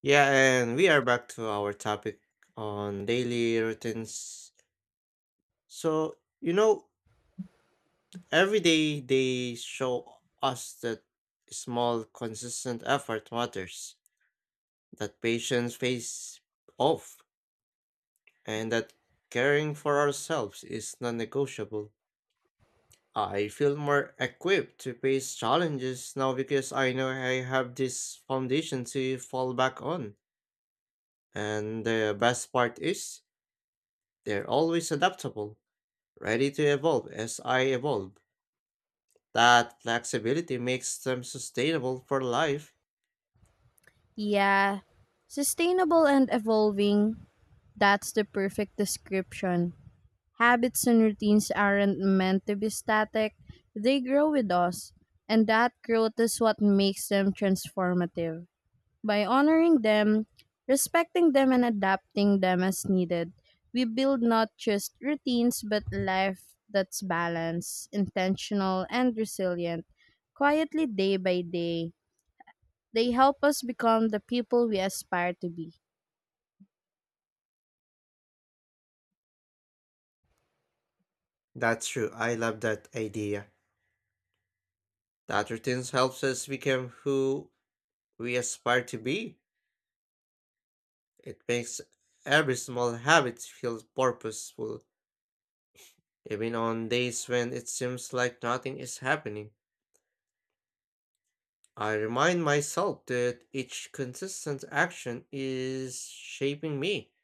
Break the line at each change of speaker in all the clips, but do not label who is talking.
Yeah, and we are back to our topic on daily routines. So, every day they show us that small, consistent effort matters, that patience pays off, and that caring for ourselves is non negotiable. I feel more equipped to face challenges now because I know I have this foundation to fall back on. And the best part is, they're always adaptable ready to evolve as I evolve. That flexibility makes them sustainable for life.
Yeah, sustainable and evolving, that's the perfect description. Habits and routines aren't meant to be static, they grow with us, and that growth is what makes them transformative. By honoring them, respecting them, and adapting them as needed, we build not just routines but life that's balanced, intentional, and resilient, quietly day by day. They help us become the people we aspire to be.
That's true. I love that idea. That routines helps us become who we aspire to be. It makes every small habit feel purposeful, even on days when it seems like nothing is happening. I remind myself that each consistent action is shaping me.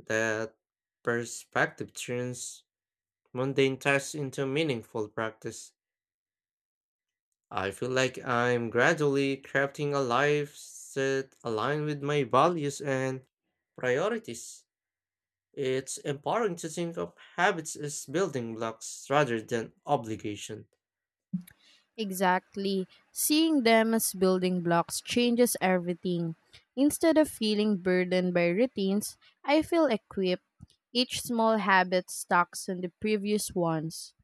That perspective turns mundane tasks into meaningful practice. I feel like I'm gradually crafting a life that aligns with my values and priorities. It's empowering to think of habits as building blocks rather than obligation.
Exactly. Seeing them as building blocks changes everything. Instead of feeling burdened by routines, I feel equipped. Each small habit stacks on the previous ones,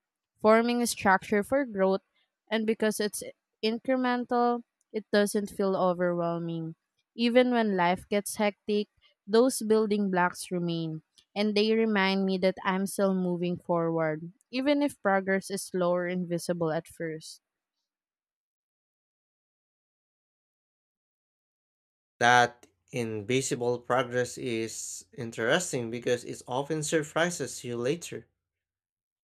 forming a structure for growth, and because it's incremental, it doesn't feel overwhelming. Even when life gets hectic, those building blocks remain, and they remind me that I'm still moving forward, even if progress is slower and visible at first.
That invisible progress is interesting because it often surprises you later.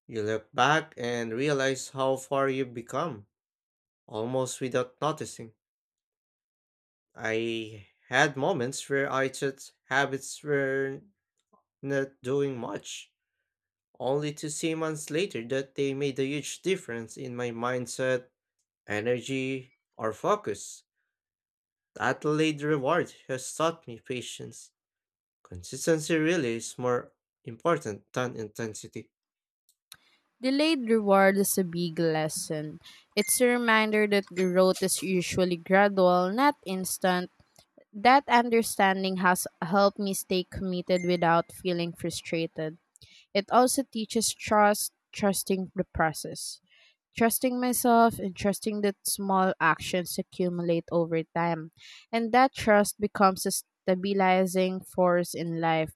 You look back and realize how far you've become, almost without noticing. I had moments where I thought habits were not doing much, only to see months later that they made a huge difference in my mindset, energy, or focus. That delayed reward has taught me patience. Consistency really is more important than intensity.
Delayed reward is a big lesson. It's a reminder that growth is usually gradual, not instant. That understanding has helped me stay committed without feeling frustrated. It also teaches trust, trusting the process, trusting myself, and trusting that small actions accumulate over time. And that trust becomes a stabilizing force in life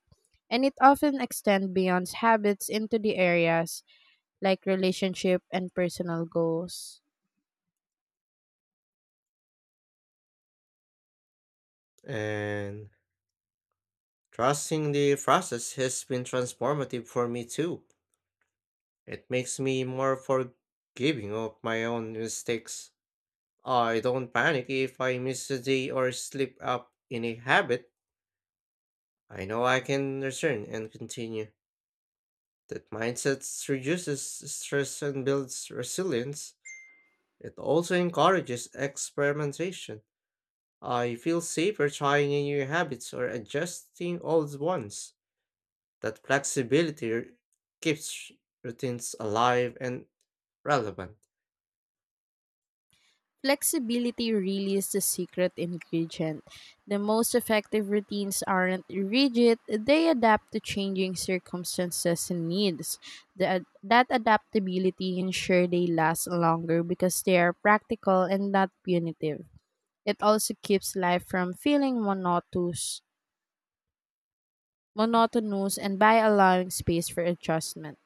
and it often extends beyond habits into the areas like relationship and personal goals.
And trusting the process has been transformative for me too. It makes me more forgiving of my own mistakes. I don't panic if I miss a day or slip up in a habit. I know I can return and continue. That mindset reduces stress and builds resilience. It also encourages experimentation. I feel safer trying new habits or adjusting old ones. That keeps routines alive and relevant.
Flexibility really is the secret ingredient. The most effective routines aren't rigid, they adapt to changing circumstances and needs. That adaptability ensure they last longer because they are practical and not punitive. It also keeps life from feeling monotonous and by allowing space for adjustment.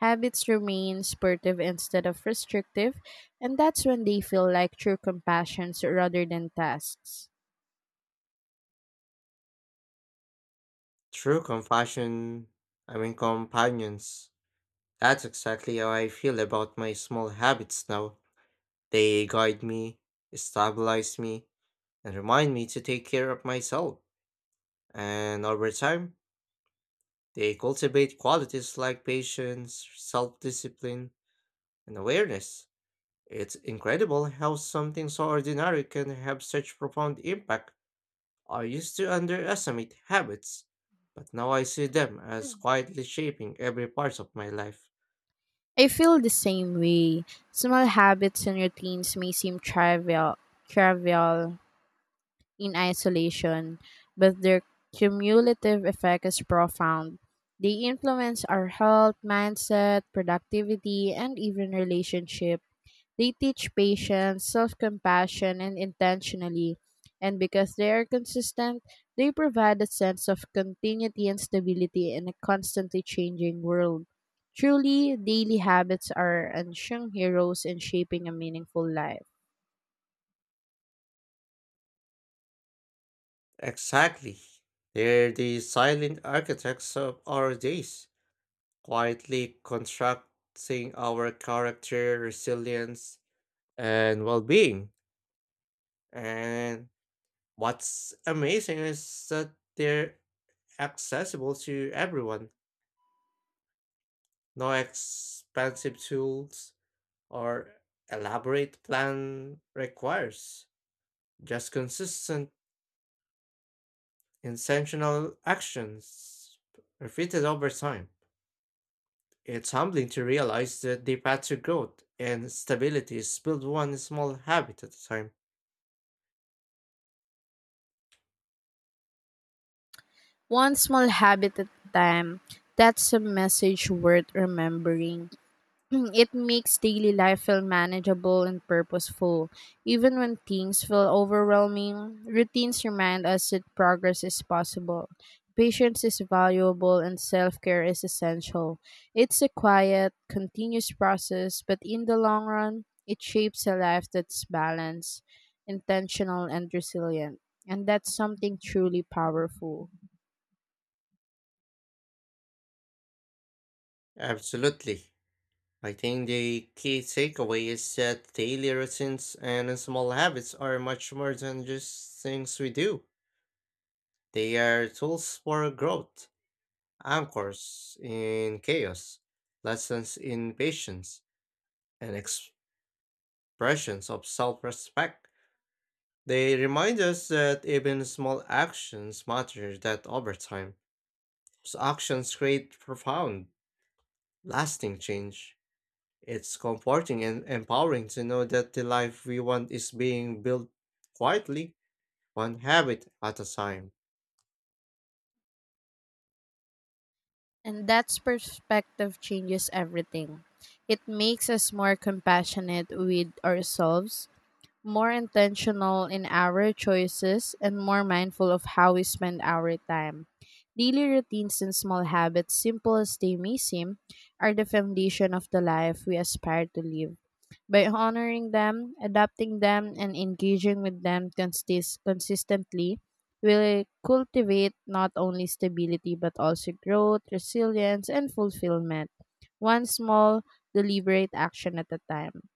Habits remain supportive instead of restrictive, and that's when they feel like true compassions rather than tasks.
True compassion, I mean companions. That's exactly how I feel about my small habits now. They guide me, stabilize me, and remind me to take care of myself. And over time, they cultivate qualities like patience, self discipline, and awareness. It's incredible how something so ordinary can have such profound impact. I used to underestimate habits, but now I see them as quietly shaping every part of my life.
I feel the same way. Small habits and routines may seem trivial in isolation, but their cumulative effect is profound. They influence our health, mindset, productivity, and even relationship. They teach patience, self compassion, and intentionally. And because they are consistent, they provide a sense of continuity and stability in a constantly changing world. Truly, daily habits are unsung heroes in shaping a meaningful life.
Exactly. They're the silent architects of our days, quietly constructing our character, resilience, and well being. And what's amazing is that they're accessible to everyone. No expensive tools or elaborate plan requires, just consistent, intentional actions repeated over time. It's humbling to realize that the path to growth and stability is built one small habit at a time.
One small habit at a time, that's a message worth remembering. It makes daily life feel manageable and purposeful. Even when things feel overwhelming, routines remind us that progress is possible. Patience is valuable and self care is essential. It's a quiet, continuous process, but in the long run, it shapes a life that's balanced, intentional, and resilient. And that's something truly powerful.
Absolutely. I think the key takeaway is that daily routines and small habits are much more than just things we do. They are tools for growth, anchors in chaos, lessons in patience, and expressions of self respect. They remind us that even small actions matter that over time. Those actions create profound, lasting change. It's comforting and empowering to know that the life we want is being built quietly, one habit at a time.
And that's perspective changes everything. It makes us more compassionate with ourselves, more intentional in our choices, and more mindful of how we spend our time. Daily routines and small habits, simple as they may seem, are the foundation of the life we aspire to live. By honoring them, adapting them, and engaging with them consistently, will cultivate not only stability but also growth, resilience, and fulfillment, one small, deliberate action at a time.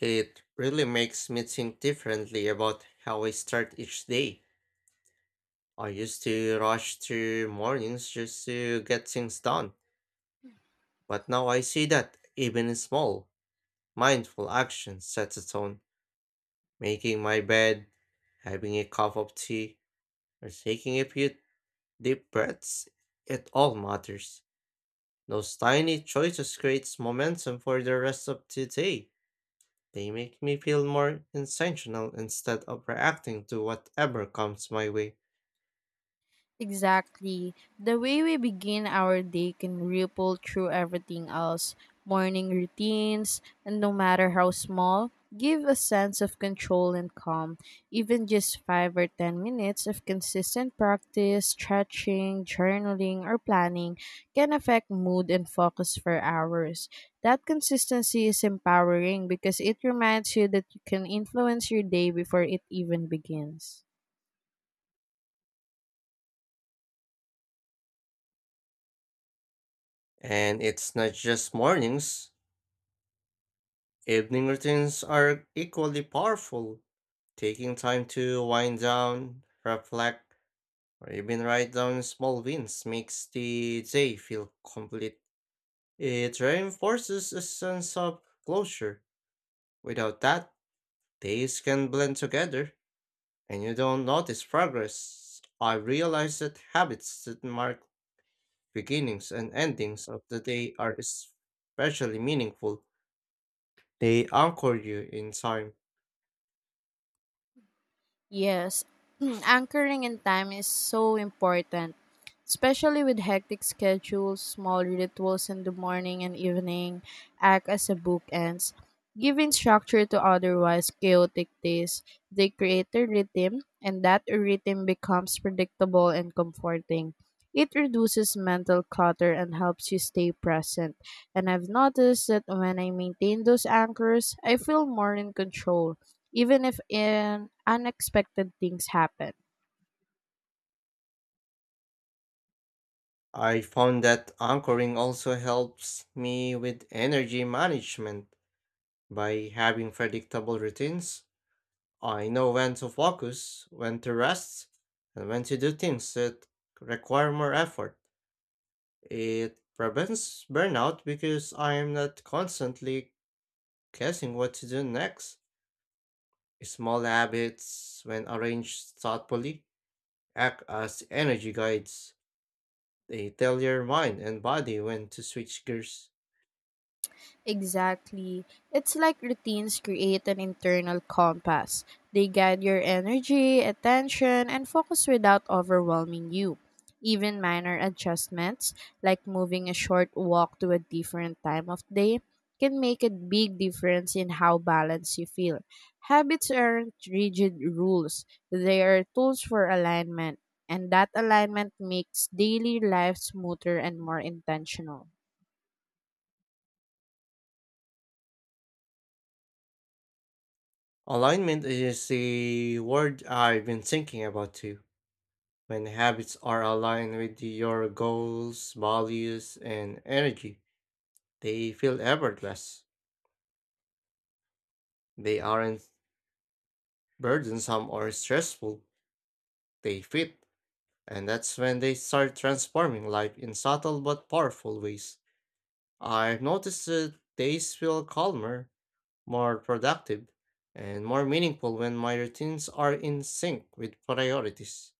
It really makes me think differently about how I start each day. I used to rush through mornings just to get things done, but now I see that even small, mindful actions set the tone. Making my bed, having a cup of tea, or taking a few deep breaths, it all matters. Those tiny choices creates momentum for the rest of the day. They make me feel more intentional instead of reacting to whatever comes my way.
Exactly. The way we begin our day can ripple through everything else. Morning routines, and no matter how small, give a sense of control and calm. Even just 5 or 10 minutes of consistent practice, stretching, journaling, or planning can affect mood and focus for hours. That consistency is empowering because it reminds you that you can influence your day before it even begins.
And it's not just mornings. Evening routines are equally powerful. Taking time to wind down, reflect, or even write down small wins makes the day feel complete. It reinforces a sense of closure. Without that, days can blend together, and you don't notice progress. I realize that habits that mark beginnings and endings of the day are especially meaningful. They anchor you in time.
Yes, anchoring in time is so important, especially with hectic schedules, small rituals in the morning and evening act as a bookends, giving structure to otherwise chaotic days. They create a rhythm, and that rhythm becomes predictable and comforting. It reduces mental clutter and helps you stay present. And I've noticed that when I maintain those anchors, I feel more in control even if an unexpected things happen.
I found that anchoring also helps me with energy management. By having predictable routines, I know when to focus, when to rest, and when to do things that require more effort. It prevents burnout because I'm not constantly guessing what to do next. Small habits, when arranged thoughtfully, act as energy guides. They tell your mind and body when to switch gears.
Exactly. It's like routines create an internal compass. They guide your energy, attention, and focus without overwhelming you. Even minor adjustments, like moving a short walk to a different time of day, can make a big difference in how balanced you feel. Habits aren't rigid rules, they are tools for alignment, and that alignment makes daily life smoother and more intentional.
Alignment is a word I've been thinking about too. When habits are aligned with your goals, values, and energy, they feel effortless. They aren't burdensome or stressful. They fit. And that's when they start transforming life in subtle but powerful ways. I've noticed that days feel calmer, more productive, and more meaningful when my routines are in sync with priorities.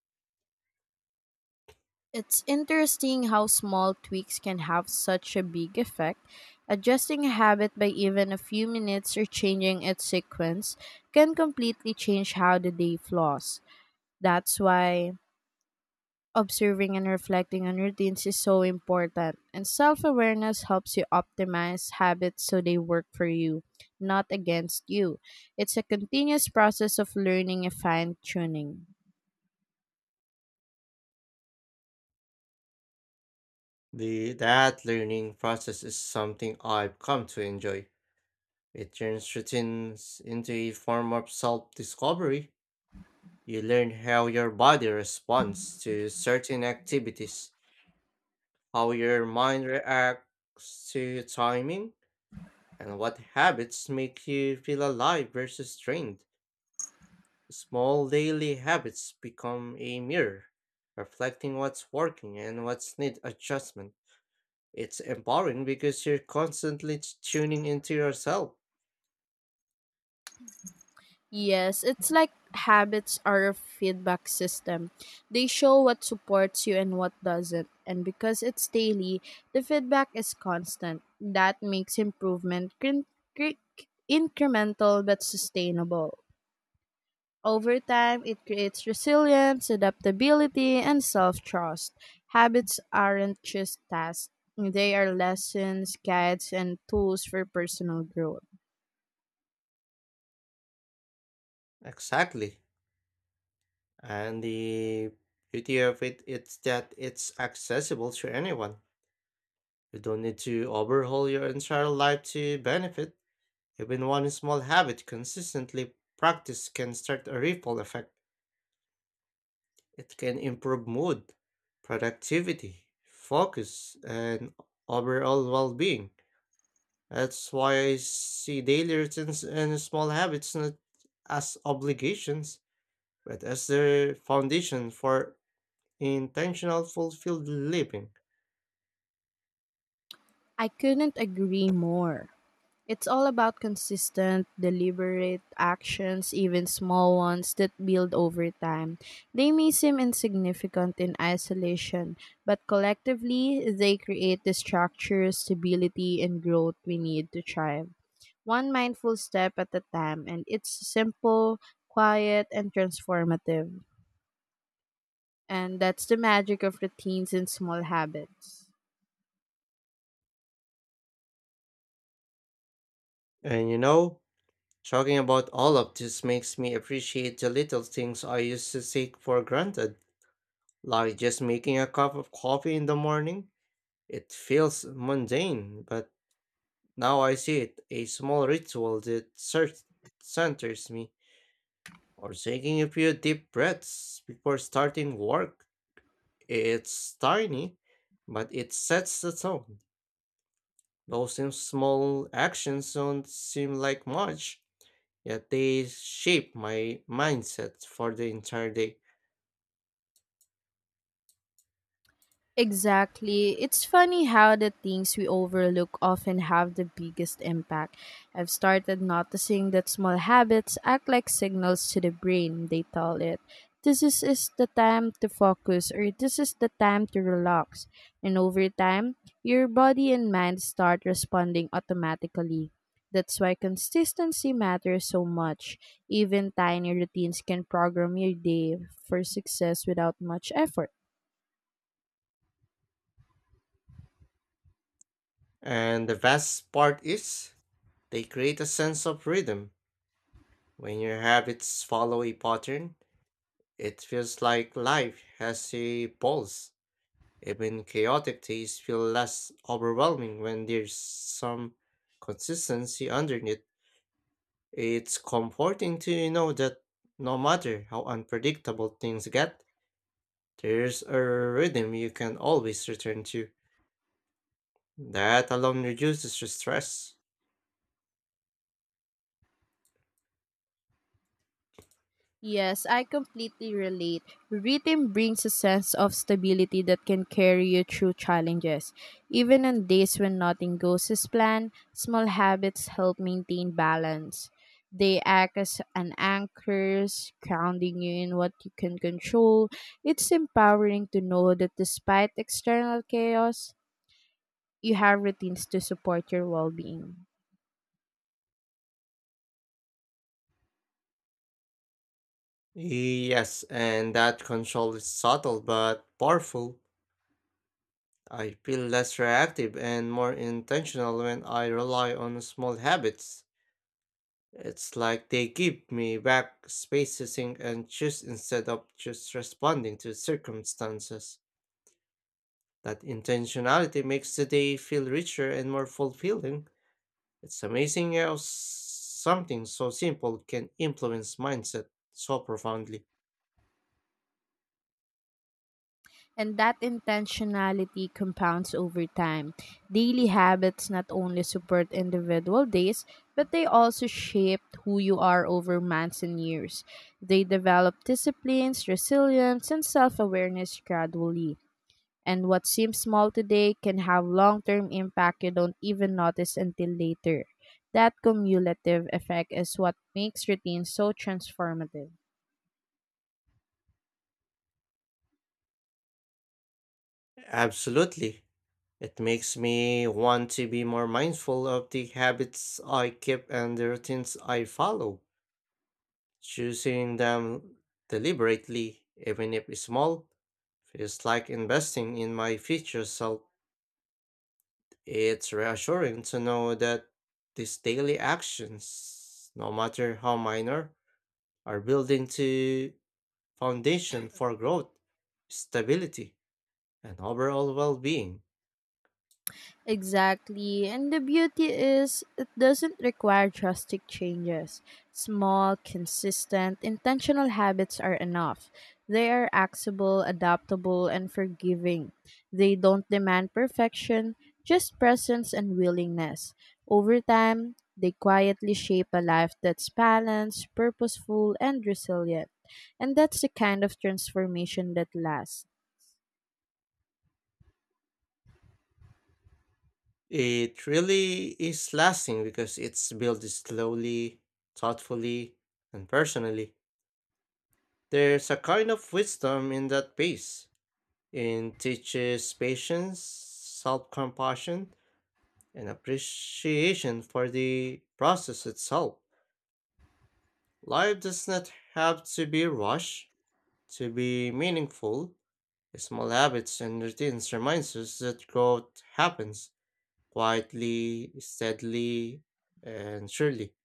It's interesting how small tweaks can have such a big effect. Adjusting a habit by even a few minutes or changing its sequence can completely change how the day flows. That's why observing and reflecting on routines is so important, and self awareness helps you optimize habits so they work for you, not against you. It's a continuous process of learning and fine tuning.
That learning process is something I've come to enjoy. It turns routines into a form of self discovery. You learn how your body responds to certain activities, how your mind reacts to timing, and what habits make you feel alive versus drained? Small daily habits become a mirror, reflecting what's working and what's need adjustment. It's empowering because you're tuning into yourself.
Yes, it's like habits are a feedback system. They show what supports you and what doesn't. And because it's daily, the feedback is constant. That makes improvement cri- incremental but sustainable. Over time, it creates resilience, adaptability, and self trust. Habits aren't just tasks, they are lessons, guides, and tools for personal growth.
Exactly. And the beauty of it is that it's accessible to anyone. You don't need to overhaul your entire life to benefit. Even one small habit consistently practiced can start a ripple effect. It can improve mood, productivity, focus, and overall well being. That's why I see daily routines and small habits not as obligations, but as the foundation for intentional, fulfilled living.
I couldn't agree more. It's all about consistent, deliberate actions, even small ones that build over time. They may seem insignificant in isolation, but collectively, they create the structure, stability, and growth we need to thrive. One mindful step at a time, and it's simple, quiet, and transformative. And that's the magic of routines and small habits.
And you know, Talking about all of this makes me appreciate the little things I used to take for granted, like just making a cup of coffee in the morning. It feels mundane, but now I see it, a small ritual that centers me, or taking a few deep breaths before starting work. It's tiny, but it sets the tone. Those in small actions don't seem like much, yet they shape my mindset for the entire day.
Exactly. It's funny how the things we overlook often have the biggest impact. I've started noticing that small habits act like signals to the brain, they tell it. This is the time to focus, or this is the time to relax. And over time, your body and mind start responding automatically. That's why consistency matters so much. Even tiny routines can program your day for success without much effort.
And the best part is, they create a sense of rhythm. When your habits follow a pattern, it feels like life has a pulse. Even chaotic days feel less overwhelming when there's some consistency underneath. It's comforting to know that no matter how unpredictable things get, there's a rhythm you can always return to. That alone reduces your stress.
Yes, I completely relate. Rhythm brings a sense of stability that can carry you through challenges. Even on days when nothing goes as planned, small habits help maintain balance. They act as an anchors, grounding you in what you can control. It's empowering to know that despite external chaos, you have routines to support your well being.
Yes, and that control is subtle but powerful. I feel less reactive and more intentional when I rely on small habits. It's like they give me back spacing and choose instead of just responding to circumstances. That intentionality makes the day feel richer and more fulfilling. It's amazing how something so simple can influence mindset so profoundly.
And that intentionality compounds over time. Daily habits not only support individual days, but they also shape who you are over months and years. They develop disciplines, resilience, and self awareness gradually. And what seems small today can have long term impact you don't even notice until later. That cumulative effect is what makes routine so transformative.
Absolutely. It makes me want to be more mindful of the habits I keep and the routines I follow. Choosing them deliberately, even if small, feels like investing in my future self. It's reassuring to know that these daily actions, no matter how minor, are building to foundation for growth, stability, and overall well being.
Exactly. And the beauty is it doesn't require drastic changes. Small, consistent, intentional habits are enough. They are accessible, adaptable, and forgiving. They don't demand perfection, just presence and willingness. Over time, they quietly shape a life that's balanced, purposeful, and resilient. And that's the kind of transformation that lasts.
It really is lasting because it's built slowly, thoughtfully, and personally. There's a kind of wisdom in that pace. It teaches patience, self compassion, and appreciation for the process itself. Life does not have to be rushed to be meaningful. Small habits and routines reminds us that growth happens quietly, steadily, and surely.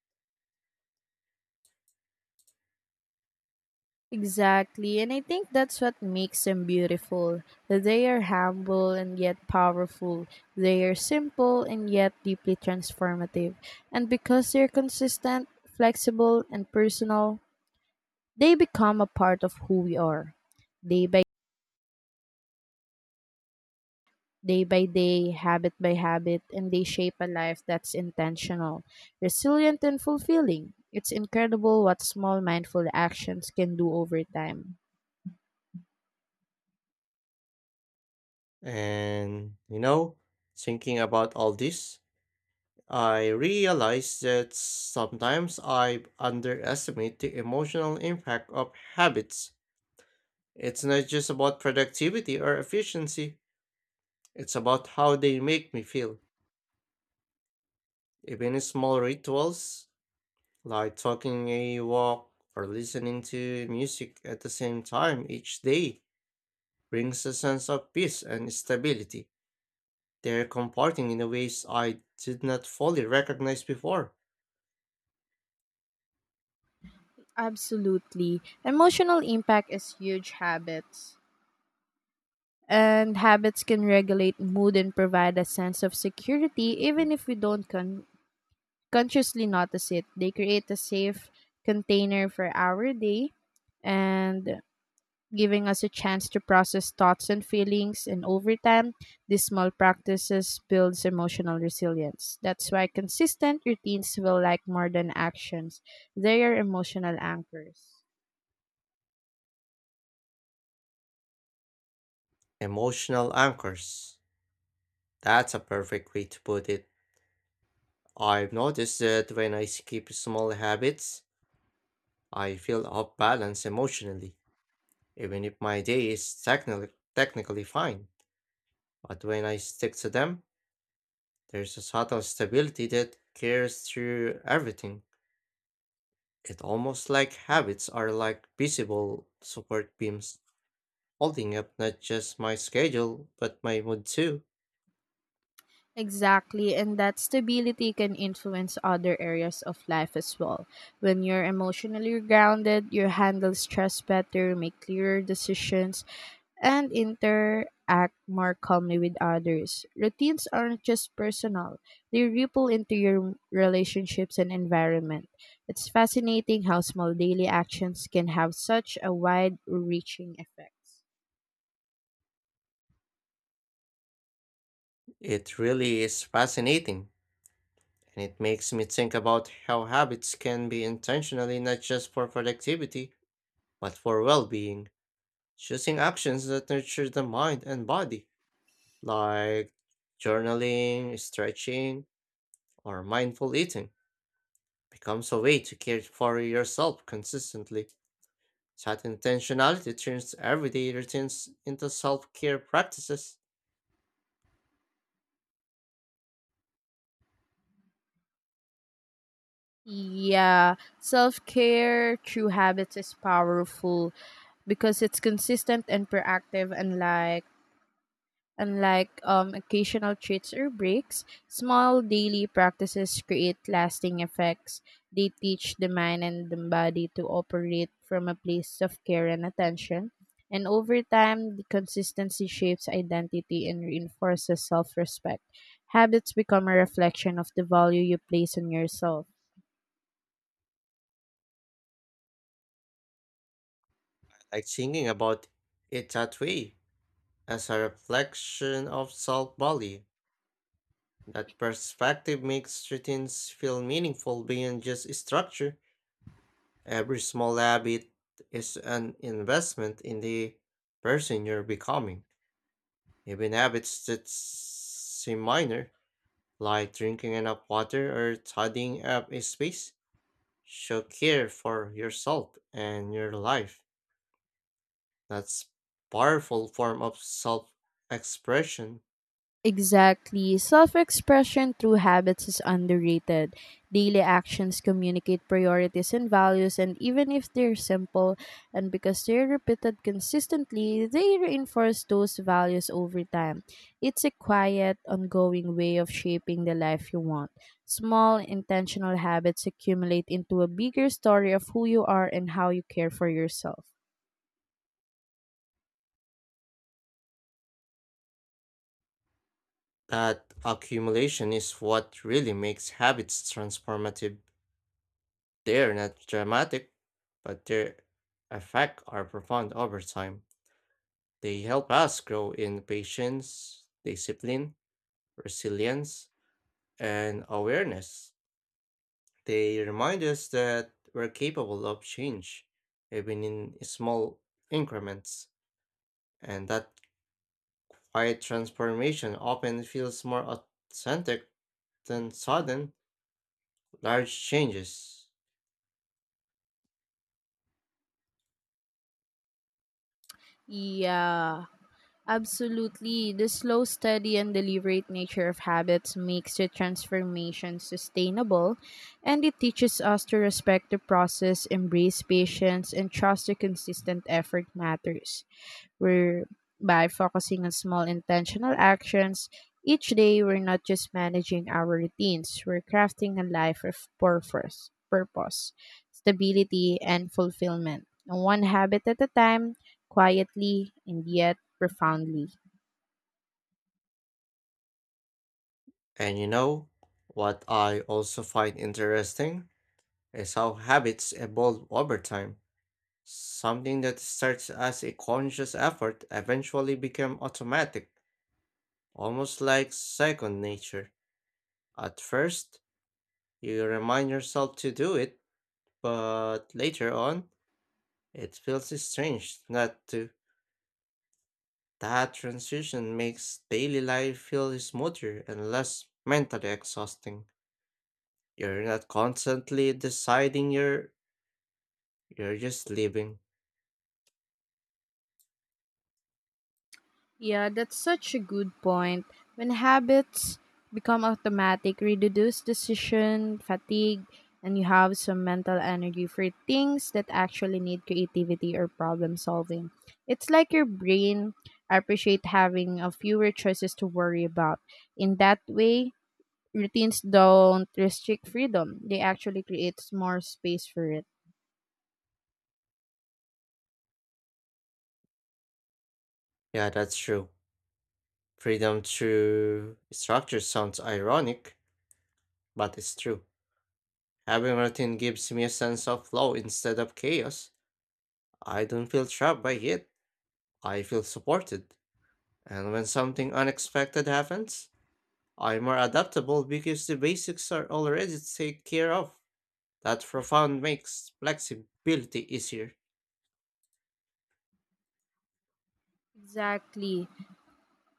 Exactly, and I think that's what makes them beautiful. They are humble and yet powerful. They are simple and yet deeply transformative. And because they're consistent, flexible, and personal, they become a part of who we are. Day by Day by day, habit by habit, and they shape a life that's intentional, resilient, and fulfilling. It's incredible what small mindful actions can do over time.
And you know, Thinking about all this, I realize that sometimes I underestimate the emotional impact of habits. It's not just about productivity or efficiency, it's about how they make me feel even small rituals like taking a walk or listening to music at the same time each day brings a sense of peace and stability. They're comforting in a ways I did not fully recognize before.
Absolutely. Emotional impact is huge habits. And habits can regulate mood and provide a sense of security even if we don't consciously notice it. They create a safe container for our day and giving us a chance to process thoughts and feelings and over time these small practices builds emotional resilience that's why consistent routines will like more than actions they are emotional anchors.
Emotional anchors. That's a perfect way to put it. I've noticed that when I skip small habits, I feel off balance emotionally, even if my day is technically fine. But when I stick to them, there's a sort of stability that carries through everything. It's almost like habits are like visible support beams, holding up not just my schedule, but my mood too.
Exactly, and that stability can influence other areas of life as well. When you're emotionally grounded, you handle stress better, make clearer decisions, and interact more calmly with others. Routines aren't just personal, they ripple into your relationships and environment. It's fascinating how small daily actions can have such a wide reaching effect.
It really is fascinating, and it makes me think about how habits can be intentionally not just for productivity, but for well being, choosing actions that nurture the mind and body, like journaling, stretching, or mindful eating. Becomes a way to care for yourself consistently. That intentionality turns everyday routines into self care practices.
Yeah, self care through habits is powerful because it's consistent and proactive. Unlike occasional treats or breaks, small daily practices create lasting effects. They teach the mind and the body to operate from a place of care and attention. And over time, the consistency shapes identity and reinforces self respect. Habits become a reflection of the value you place on yourself.
I like thinking about it that way, as a reflection of self value. That perspective makes routines feel meaningful beyond just structure. Every small habit is an investment in the person you're becoming. Even habits that seem minor like drinking enough water or tidying up a space, show care for yourself and your life. That's powerful form of self-expression.
Exactly. Self expression through habits is underrated. Daily actions communicate priorities and values, and even if they're simple, and because they're repeated consistently, they reinforce those values over time. It's a quiet, ongoing way of shaping the life you want. Small, intentional habits accumulate into a bigger story of who you are and how you care for yourself.
That accumulation is what really makes habits transformative. They're not dramatic, but their effect are profound over time. They help us grow in patience, discipline, resilience, and awareness. They remind us that we're capable of change, even in small increments, and that quiet transformation often feels more authentic than sudden, large changes.
Yeah. Absolutely. The slow, steady, and deliberate nature of habits makes the transformation sustainable, and it teaches us to respect the process, embrace patience, and trust the consistent effort matters. We're By focusing on small intentional actions each day, we're not just managing our routines, we're crafting a life of purpose, stability, and fulfillment. One habit at a time, quietly and yet profoundly.
And you know, what I also find interesting is how habits evolve over time. Something that starts as a conscious effort eventually becomes automatic, almost like second nature. At first, you remind yourself to do it, but later on, it feels strange not to. That transition makes daily life feel smoother and less mentally exhausting. You're not constantly deciding you're just living.
Yeah, that's such a good point. When habits become automatic, reduce decision fatigue, and you have some mental energy for things that actually need creativity or problem solving. It's like your brain appreciate having a fewer choices to worry about. In that way, routines don't restrict freedom. They actually creates more space for it.
Yeah, that's true. Freedom through structure sounds ironic, but it's true. Having routine gives me a sense of flow instead of chaos. I don't feel trapped by it. I feel supported. And when something unexpected happens, I'm more adaptable because the basics are already taken care of. That profound makes flexibility easier.
Exactly.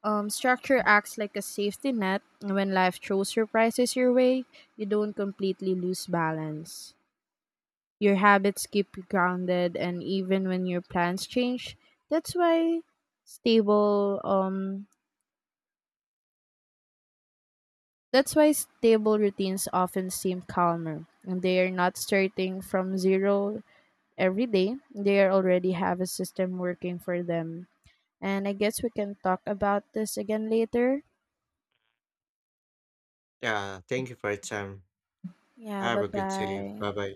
Structure acts like a safety net. And when life throws surprises your way, you don't completely lose balance. Your habits keep you grounded, and even when your plans change, that's why stable um that's why stable routines often seem calmer. And they are not starting from zero every day. They are already have a system working for them. And I guess we can talk about this again later.
Yeah, thank you for your time.
Yeah,
Have
bye
a good day. Bye
bye.
bye.